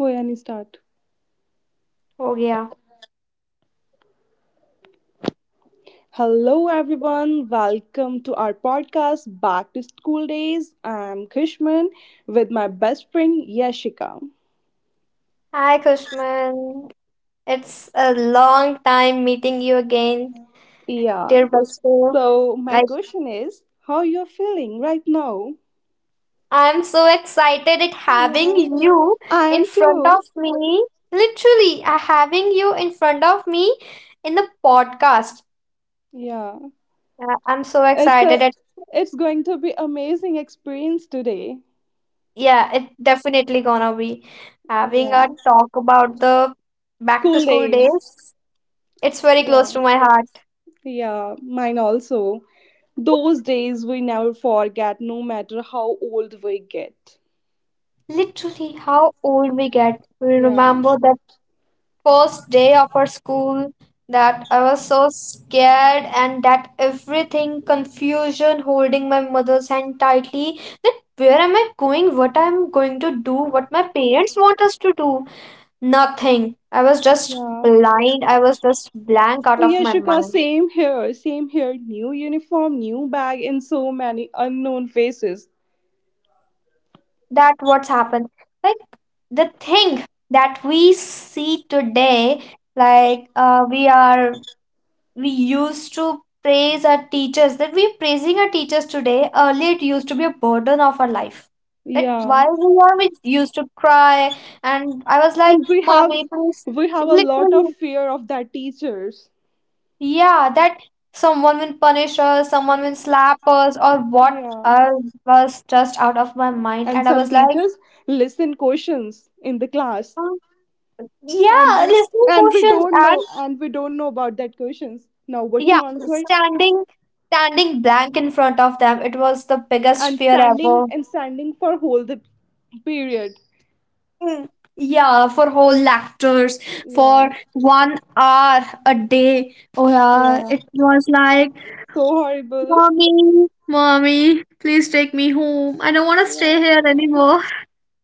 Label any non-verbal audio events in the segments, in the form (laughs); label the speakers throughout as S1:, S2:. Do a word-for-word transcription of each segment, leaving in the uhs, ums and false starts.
S1: हो yani start
S2: Oh, yeah.
S1: hello everyone, welcome to our podcast Back to School Days. I'm Krishman with my best friend Yashika.
S2: Hi, Kushman. It's a long time meeting you again,
S1: Yeah,
S2: dear Basu.
S1: so my
S2: Like,
S1: question is, how you're feeling right now?
S2: I'm so excited at having you
S1: I
S2: in
S1: am
S2: front
S1: too.
S2: of me. Literally, uh, having you in front of me in the podcast.
S1: Yeah,
S2: Uh, I'm so
S1: it's a
S2: excited at,
S1: it's going to be amazing experience today.
S2: yeah, it definitely gonna be having a
S1: Yeah,
S2: talk about the back to
S1: school
S2: school
S1: days.
S2: days. It's very close
S1: Yeah,
S2: to my heart.
S1: yeah, mine also. Those days we never forget no matter how old we get.
S2: Literally, how old we get. We
S1: Yeah.
S2: remember first day of our school, that I was so scared, and that everything confusion, holding my mother's hand tightly, that where am I going, what I'm going to do, what my parents want us to do. Nothing. I was just
S1: Yeah.
S2: blind, I was just blank out of
S1: Yeah,
S2: my
S1: Yashika,
S2: mind.
S1: same here, same here. New uniform, new bag, and so many unknown faces.
S2: That what's happened, like, the thing that we see today, like, uh, we are we used to praise our teachers, that we're praising our teachers today. Earlier it used to be a burden of our life, that
S1: Yeah.
S2: why we are we used to cry, and I was like,
S1: And we have
S2: mommy, please.
S1: we have a lot of
S2: Literally,
S1: fear of that teachers.
S2: yeah, that someone will punish us, someone will slap us, or what?
S1: Yeah.
S2: I was just out of my mind,
S1: And
S2: and I
S1: some
S2: was like,
S1: teachers listen questions in the class.
S2: "Hmm,
S1: And
S2: yeah,
S1: we,
S2: listening
S1: and we
S2: questions."
S1: don't
S2: And
S1: know and we don't know about that questions. Now what to
S2: yeah,
S1: answer?
S2: standing standing blank in front of them, it was the biggest
S1: And
S2: fear ever.
S1: standing and standing for whole the period.
S2: Mm, yeah, for whole actors, for
S1: Yeah.
S2: one hour a day. Oh yeah,
S1: Yeah.
S2: it was like,
S1: So horrible.
S2: mommy, mommy, please take me home. I don't want to stay
S1: Yeah.
S2: here anymore.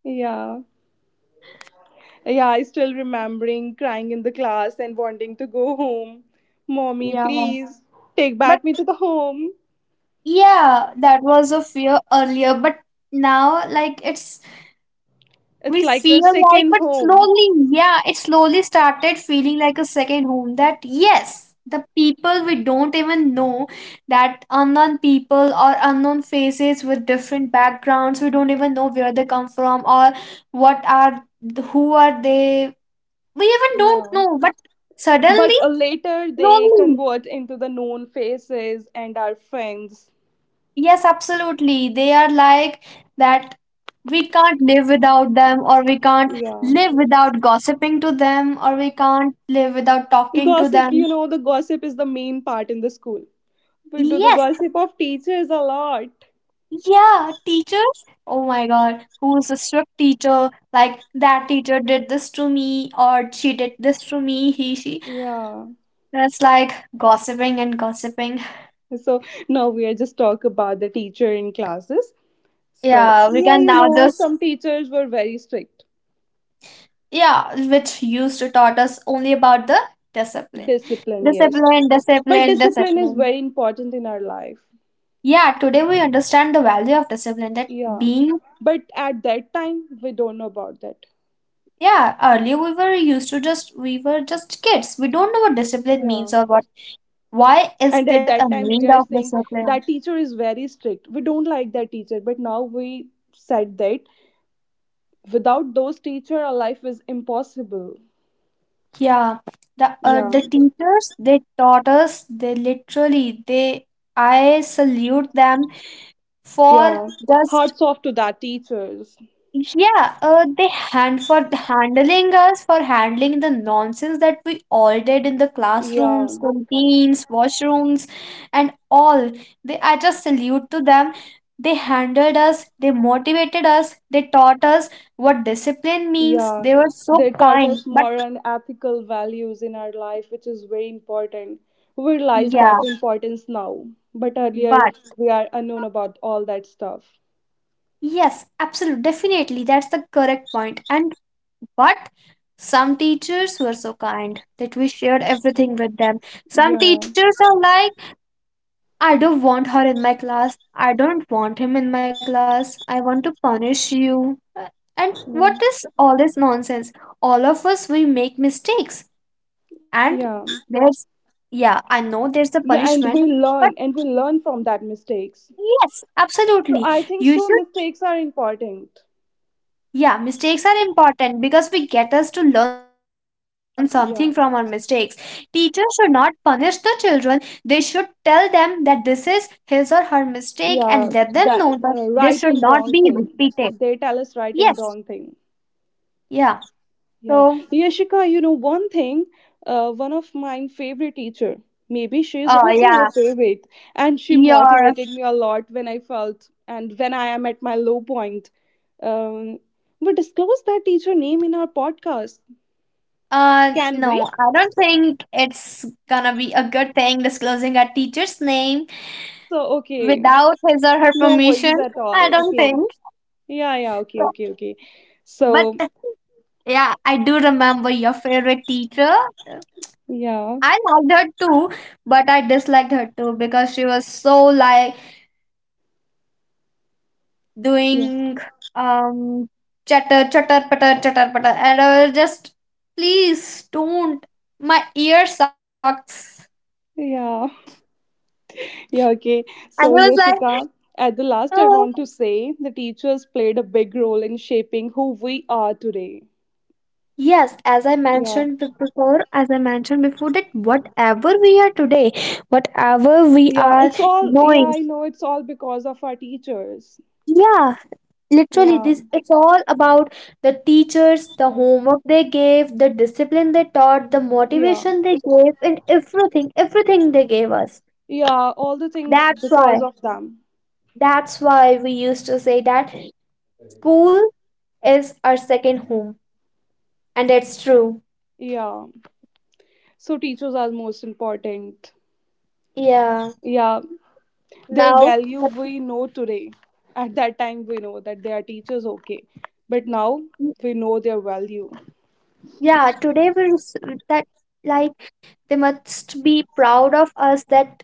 S1: Yeah. Yeah, I still remembering crying in the class and wanting to go home. Mommy,
S2: Yeah,
S1: please take
S2: but
S1: back me to the home.
S2: yeah, that was a fear earlier, but now, like, it's, we
S1: It's like a
S2: feel like,
S1: second
S2: but
S1: home.
S2: slowly, yeah, it slowly started feeling like a second home. That yes, the people we don't even know, that unknown people or unknown faces with different backgrounds, we don't even know where they come from, or what are, who are they, we even don't
S1: Yeah.
S2: know. But
S1: But
S2: suddenly,
S1: uh, later they
S2: slowly,
S1: convert into the known faces and our friends.
S2: yes, absolutely. They are like, that we can't live without them, or we can't
S1: Yeah.
S2: live without gossiping to them, or we can't live without talking to
S1: Gossip,
S2: them.
S1: you know, the gossip is the main part in the school. We do the
S2: Yes,
S1: gossip of teachers a lot.
S2: yeah, teachers. Oh my God, who's a strict teacher? Like, that teacher did this to me, or she did this to me, he, she.
S1: Yeah.
S2: That's like gossiping and gossiping.
S1: So now we are just talk about the teacher in classes. So,
S2: Yeah, we
S1: yeah,
S2: can
S1: you
S2: now
S1: know,
S2: just,
S1: some teachers were very strict.
S2: yeah, which used to taught us only about the discipline.
S1: Discipline, yes.
S2: Discipline,
S1: But
S2: discipline,
S1: discipline is
S2: discipline.
S1: very important in our life.
S2: Yeah, today we understand the value of discipline, that
S1: Yeah.
S2: being,
S1: But at that time, we don't know about that.
S2: yeah, earlier we were used to just, we were just kids. We don't know what discipline
S1: Yeah.
S2: means, or what, why is
S1: And at
S2: there a
S1: that time, we
S2: need
S1: are
S2: of
S1: saying
S2: discipline?
S1: that teacher is very strict. We don't like that teacher. But now we said that without those teacher, our life is impossible.
S2: Yeah. The uh,
S1: Yeah.
S2: the teachers, they taught us, they literally they, I salute them for
S1: Yeah.
S2: just,
S1: Hearts off to that teachers.
S2: yeah, uh, they hand for handling us, for handling the nonsense that we all did in the
S1: Yeah.
S2: classrooms, canteens, washrooms, and all. They, I just salute to them. They handled us. They motivated us. They taught us what discipline means.
S1: Yeah,
S2: They were so
S1: they taught us
S2: kind. But
S1: moral and ethical values in our life, which is very important. We realize
S2: yeah,
S1: that importance now, but earlier
S2: but
S1: we are unknown about all that stuff.
S2: yes, absolutely, definitely, that's the correct point. And but some teachers were so kind that we shared everything with them. Some
S1: Yeah,
S2: teachers are like, I don't want her in my class. I don't want him in my class. I want to punish you. Uh, And what
S1: yeah,
S2: is all this nonsense? All of us, we make mistakes.
S1: yeah,
S2: And there's, yeah, I know there's a
S1: yeah, and we
S2: punishment,
S1: learn
S2: but
S1: and we learn from that mistakes.
S2: yes,
S1: So
S2: absolutely.
S1: I think
S2: You
S1: so.
S2: should.
S1: Mistakes are important.
S2: Yeah, mistakes are important, because we get us to learn something from our mistakes.
S1: Yeah,
S2: Teachers should not punish the children. They should tell them that this is his or her mistake, and let them
S1: yeah,
S2: know that
S1: that
S2: this
S1: uh,
S2: should
S1: right
S2: not
S1: and
S2: be
S1: wrong
S2: repeated.
S1: thing. They tell us right
S2: Yes.
S1: and wrong thing.
S2: Yeah.
S1: Yeah,
S2: So,
S1: Yashika, you know one thing, uh, one of my favorite teacher. Maybe she is
S2: uh,
S1: also your
S2: yeah,
S1: favorite, and she
S2: your
S1: motivated me a lot when I felt and when I am at my low point. Um, we disclose that teacher name in our podcast,
S2: uh
S1: can we?
S2: no, I don't think it's gonna be a good thing disclosing a teacher's name
S1: So okay,
S2: without his or her
S1: no worries
S2: permission.
S1: at
S2: I
S1: all.
S2: don't
S1: Okay,
S2: think.
S1: yeah, yeah, okay,
S2: So.
S1: okay, okay.
S2: But
S1: So
S2: yeah, I do remember your favorite teacher.
S1: yeah,
S2: I liked her too, but I disliked her too, because she was so like
S1: yeah,
S2: doing, um chatter chatter patter chatter patter, and I was just, please don't, my ear sucks.
S1: yeah. Yeah, okay.
S2: And I was
S1: So,
S2: like,
S1: Yashika, at the last, I
S2: oh.
S1: want to say the teachers played a big role in shaping who we are today.
S2: Yes, as I
S1: Yeah,
S2: mentioned be- before, as I mentioned before, that whatever we are today, whatever we
S1: yeah,
S2: are
S1: it's all, yeah,
S2: knowing,
S1: I know it's all because of our teachers.
S2: yeah, literally
S1: Yeah,
S2: this it's all about the teachers, the homework they gave, the discipline they taught, the
S1: yeah,
S2: motivation they gave, and everything, everything they gave us.
S1: yeah, all the things
S2: that's
S1: because
S2: why
S1: of them.
S2: that's why we used to say that school is our second home, and it's true.
S1: Yeah, so teachers are most important.
S2: Yeah,
S1: Yeah, their
S2: now
S1: value
S2: but-
S1: we know today. At that time, we know that they are teachers, okay, but now we know their value.
S2: yeah, today we're s- that, like, they must be proud of us, that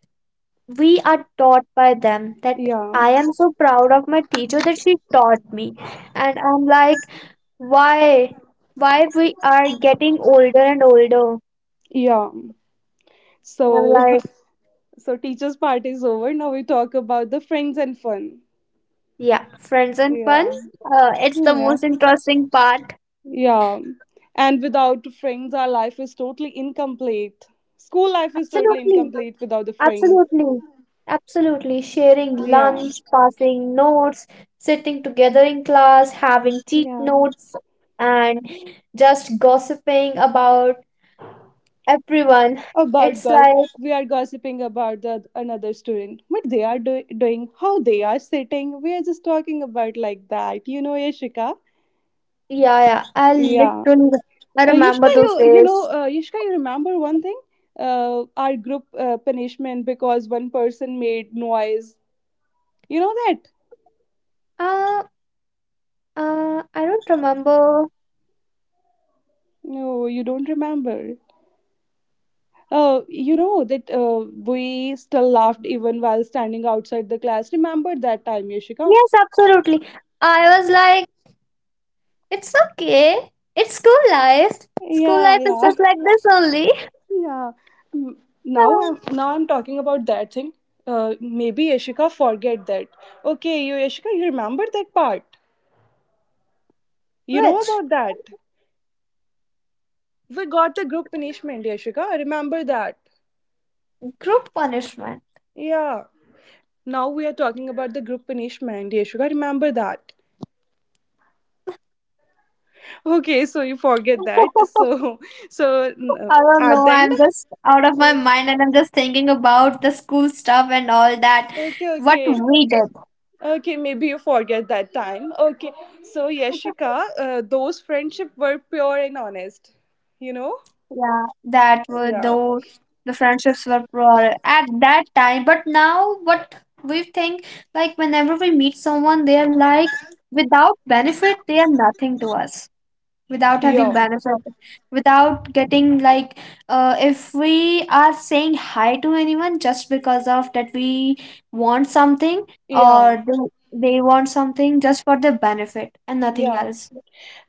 S2: we are taught by them, that
S1: Yeah,
S2: I am so proud of my teacher that she taught me. And I'm like, why why, we are getting older and older.
S1: yeah.
S2: I'm
S1: So,
S2: like,
S1: (laughs) so teachers' part is over. Now we talk about the friends and fun.
S2: yeah, friends and fun.
S1: Yeah,
S2: uh, it's the
S1: yeah,
S2: most interesting part.
S1: yeah. And without friends, our life is totally incomplete. School life is totally
S2: Absolutely,
S1: incomplete without the friends.
S2: absolutely, absolutely. Sharing
S1: Yeah,
S2: lunch, passing notes, sitting together in class, having cheat
S1: yeah.
S2: notes, and just gossiping about everyone.
S1: About
S2: It's
S1: girl,
S2: like,
S1: we are gossiping about the another student. What they are do- doing, how they are sitting. We are just talking about like that. You know, Yashika.
S2: yeah, yeah. I
S1: Yeah.
S2: literally I
S1: Uh,
S2: remember
S1: Yashka,
S2: those
S1: you you know,
S2: days.
S1: uh, Yashka, you remember one thing? Uh, our group uh, punishment because one person made noise. You know that?
S2: Uh, uh, I don't remember.
S1: No, you don't remember. Uh, you know that uh, we still laughed even while standing outside the class. Remember that time, Yashika?
S2: Yes, absolutely. I was like, it's okay. It's school life. School
S1: Yeah,
S2: life is
S1: yeah,
S2: just like this only.
S1: (laughs) yeah. Mm, Now
S2: Uh,
S1: I'm now I'm talking about that thing. Uh, maybe Yashika forget that. Okay, you Yashika, you remember that part? You know
S2: Which?
S1: about that? We got the group punishment, Yashika. I remember that.
S2: Group punishment.
S1: Yeah. Now we are talking about the group punishment, Yashika. Remember that. Okay, so you forget that.
S2: (laughs)
S1: So, so mm,
S2: I don't
S1: at
S2: know.
S1: the end.
S2: I'm just out of my mind, and I'm just thinking about the school stuff and all that.
S1: Okay,
S2: What
S1: okay.
S2: we did.
S1: Okay, maybe you forget that time. Okay, so
S2: (laughs)
S1: Yashika, uh, those friendship were pure and honest. You know?
S2: Yeah, that were
S1: Yeah.
S2: those, the friendships were broader at that time, but now what we think, like, whenever we meet someone they are like, without benefit they are nothing to us, without
S1: Yeah.
S2: having benefit, without getting like, uh, if we are saying hi to anyone, just because of that we want something, or
S1: Yeah.
S2: they, they want something just for the benefit and nothing
S1: Yeah.
S2: else.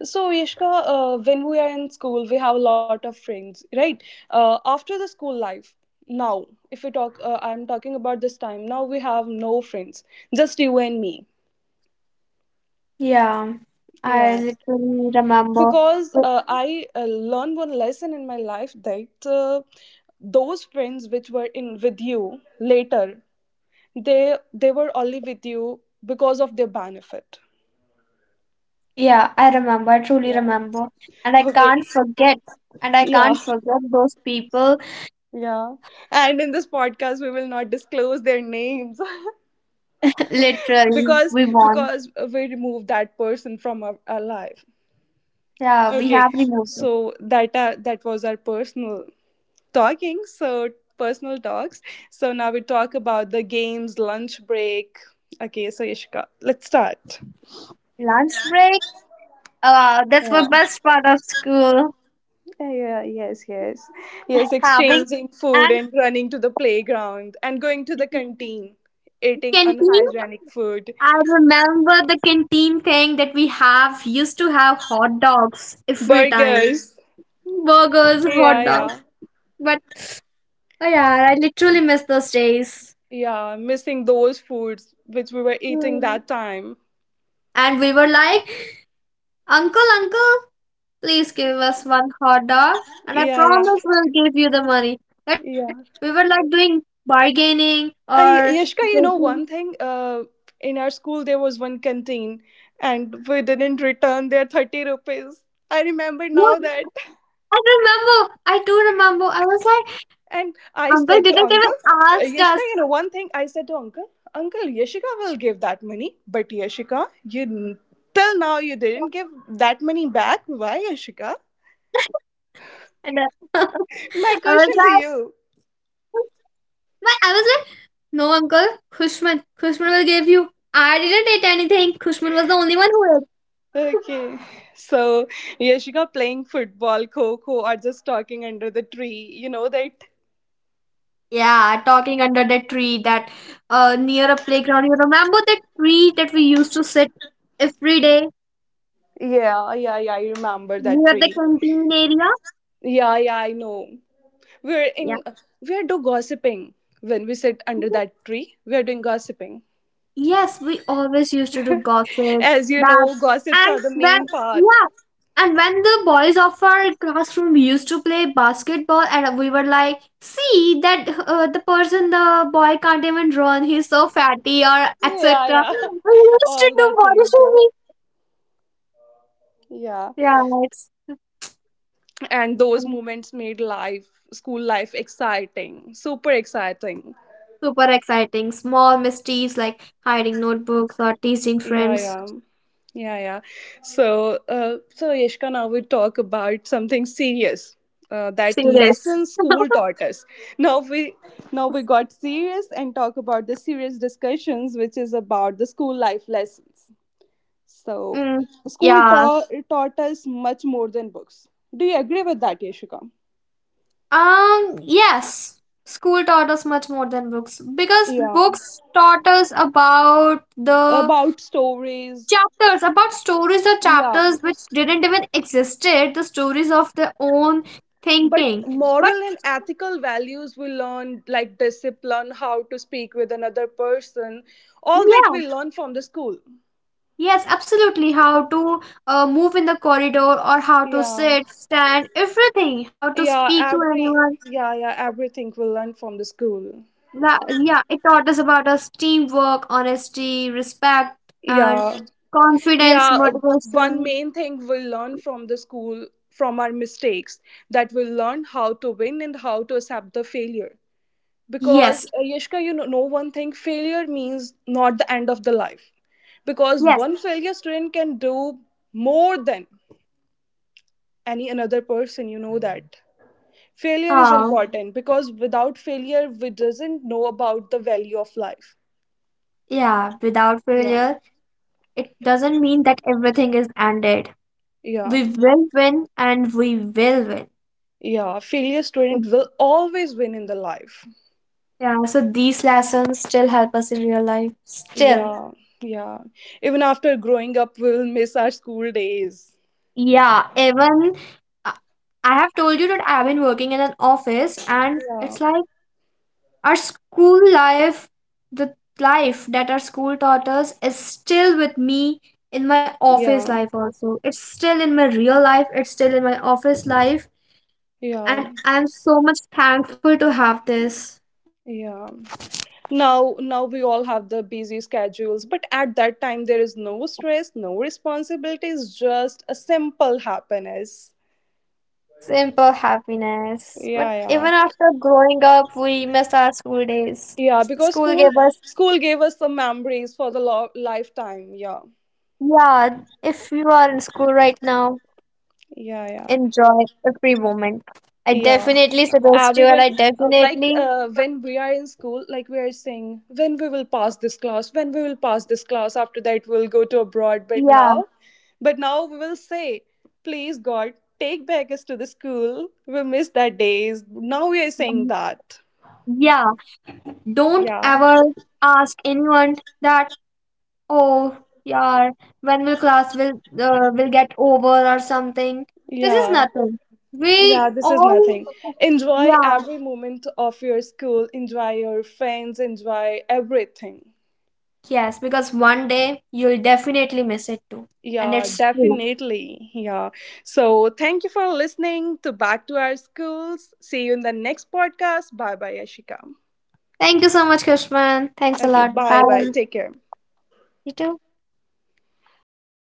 S1: So, Yashka, uh, when we are in school, we have a lot of friends, right? Uh, after the school life, now, if we talk, uh, I'm talking about this time, now we have no friends, just you and me.
S2: Yeah, I
S1: Yeah.
S2: literally remember.
S1: Because uh, I uh, learned one lesson in my life that uh, those friends which were in with you later, they they were only with you because of their benefit.
S2: Yeah, I remember, I truly
S1: Yeah.
S2: remember. And I
S1: Okay.
S2: can't forget. And I
S1: Yeah.
S2: can't forget those people.
S1: Yeah. And in this podcast we will not disclose their names
S2: (laughs)
S1: (laughs)
S2: Literally
S1: because
S2: we won.
S1: because we removed that person from our, our life.
S2: Yeah, we
S1: Okay.
S2: have removed it.
S1: So that uh, that was our personal talking. So personal talks. So now we talk about the games, lunch break. Okay, so Ishka, let's start.
S2: Lunch break. Uh, that's my
S1: Yeah.
S2: best part of school.
S1: Yeah, yes, yes. Yes,
S2: Having
S1: exchanging food
S2: and
S1: and running to the playground and going to the canteen, eating
S2: canteen.
S1: unhygienic food.
S2: I remember the canteen thing, that we have used to have hot dogs every time.
S1: Burgers.
S2: Burgers,
S1: Yeah,
S2: hot dogs.
S1: yeah.
S2: But oh yeah, I literally miss those days.
S1: Yeah, missing those foods which we were eating
S2: Hmm.
S1: that time.
S2: And we were like, Uncle, Uncle. Please give us one hot dog, and I
S1: Yeah, yeah.
S2: promise we'll give you the money. That
S1: Yeah.
S2: we were like doing bargaining or
S1: I, Yashka, you know
S2: dating.
S1: one thing? Uh, in our school there was one canteen and we didn't return their thirty rupees. I remember
S2: Yeah,
S1: now that.
S2: I remember. I do remember. I was like,
S1: And I
S2: Uncle
S1: said to
S2: didn't
S1: uncle,
S2: even
S1: uh,
S2: ask
S1: Yashika,
S2: us.
S1: you know, one thing I said to uncle, uncle, Yashika will give that money, but Yashika, you n- till now you didn't give that money back. Why, Yashika?
S2: (laughs) and uh, (laughs)
S1: My
S2: I was
S1: question to
S2: like,
S1: you.
S2: my- I was like, no, Uncle, Kushman, Kushman will give you. I didn't eat anything. Kushman was the only one who ate.
S1: Okay. So, Yashika playing football, Coco, or just talking under the tree. You know that?
S2: Yeah, talking under the tree. That uh near a playground. You remember that tree that we used to sit every day
S1: Yeah, yeah, yeah. I remember that
S2: near the
S1: tree.
S2: canteen area?
S1: Yeah, yeah, I know. We're
S2: Yeah.
S1: in, we're do gossiping when we sit under
S2: Mhm.
S1: that tree. We're doing gossiping.
S2: Yes, we always used to do gossip,
S1: As you
S2: that
S1: know, gossips
S2: and
S1: are the
S2: when,
S1: main part.
S2: yeah. And when the boys of our classroom used to play basketball, and we were like, see that, uh, the person, the boy can't even run, he's so fatty or
S1: Yeah,
S2: et cetera.
S1: yeah.
S2: We
S1: (laughs)
S2: used to
S1: All
S2: do
S1: that
S2: body
S1: things, yeah.
S2: shaming.
S1: Yeah.
S2: Yeah, it's
S1: And those moments made life, school life exciting, super exciting.
S2: super exciting. Small mischiefs like hiding notebooks or teasing
S1: Yeah,
S2: friends.
S1: yeah. Yeah, yeah. So, uh, so Yashka, now we talk about something serious. Uh, that
S2: Serious.
S1: lesson school
S2: (laughs)
S1: taught us. Now we now we got serious and talk about the serious discussions, which is about the school life lessons. So,
S2: Mm,
S1: school
S2: yeah.
S1: taught taught us much more than books. Do you agree with that, Yashika?
S2: Um, yes. School taught us much more than books, because
S1: Yeah.
S2: books taught us about the
S1: About stories.
S2: chapters, about stories or
S1: Yeah.
S2: chapters which didn't even existed, the stories of their own
S1: But
S2: thinking. But
S1: moral and ethical values we learn, like discipline, how to speak with another person. All that
S2: yeah,
S1: we learn from the school.
S2: yes, absolutely. How to, uh, move in the corridor, or how to
S1: Yeah,
S2: sit, stand, everything. How to
S1: yeah,
S2: speak to
S1: every
S2: anyone.
S1: yeah, yeah, everything we learn from the school.
S2: La- yeah, it taught us about us teamwork, honesty, respect, and
S1: Yeah,
S2: confidence,
S1: yeah, uh, one
S2: motivation.
S1: main thing we learn from the school from our mistakes, that we learn how to win and how to accept the failure. Because
S2: Yes,
S1: uh, yashka, you know, know one thing, failure means not the end of the life. Because
S2: yes.
S1: one failure student can do more than any another person, you know that. Failure is
S2: Uh,
S1: important because without failure we doesn't know about the value of life.
S2: yeah, without
S1: Yeah,
S2: failure, it doesn't mean that everything is ended.
S1: yeah,
S2: We will win, and we will win.
S1: yeah, failure student will always win in the life.
S2: Yeah, so these lessons still help us in real life. Still.
S1: Yeah, yeah, even after growing up we will miss our school days.
S2: Yeah, even I I have told you that I've been working in an office, and
S1: Yeah,
S2: it's like our school life, the life that our school taught us, is still with me in my office
S1: yeah,
S2: life also. It's still in my real life, it's still in my office life, and
S1: yeah,
S2: I'm so much thankful to have this
S1: yeah, now now we all have the busy schedules, but at that time there is no stress, no responsibilities, just a simple happiness.
S2: simple happiness.
S1: Yeah,
S2: But
S1: yeah,
S2: even after growing up, we miss our school days.
S1: yeah, because
S2: School
S1: school
S2: gave us,
S1: school gave us some memories for the lo- lifetime. Yeah,
S2: yeah, if you are in school right now,
S1: yeah, yeah.
S2: enjoy every moment. I
S1: Yeah.
S2: definitely suggest you, and
S1: Everyone,
S2: I
S1: uh, like
S2: definitely,
S1: uh, when we are in school, like we are saying, when we will pass this class, when we will pass this class, after that we'll go to abroad. But
S2: yeah,
S1: now, but now we will say, please God, take back us to the school. We miss that days. Now we are saying
S2: mm,
S1: that.
S2: yeah. Don't
S1: Yeah.
S2: ever ask anyone that, oh, yeah, when will class will uh, will get over or something. This is
S1: Yeah.
S2: nothing. We
S1: Yeah, this is
S2: all,
S1: nothing. Enjoy
S2: yeah.
S1: every moment of your school, enjoy your friends, enjoy everything.
S2: Yes, because one day you'll definitely miss it too, and
S1: Yeah,
S2: it's true.
S1: definitely. Yeah. So thank you for listening to Back to Our Schools. See you in the next podcast. Bye bye, Ashika.
S2: Thank you so much, Krishman. Thanks a
S1: Okay,
S2: lot.
S1: bye
S2: Bye.
S1: bye. Take care.
S2: You too.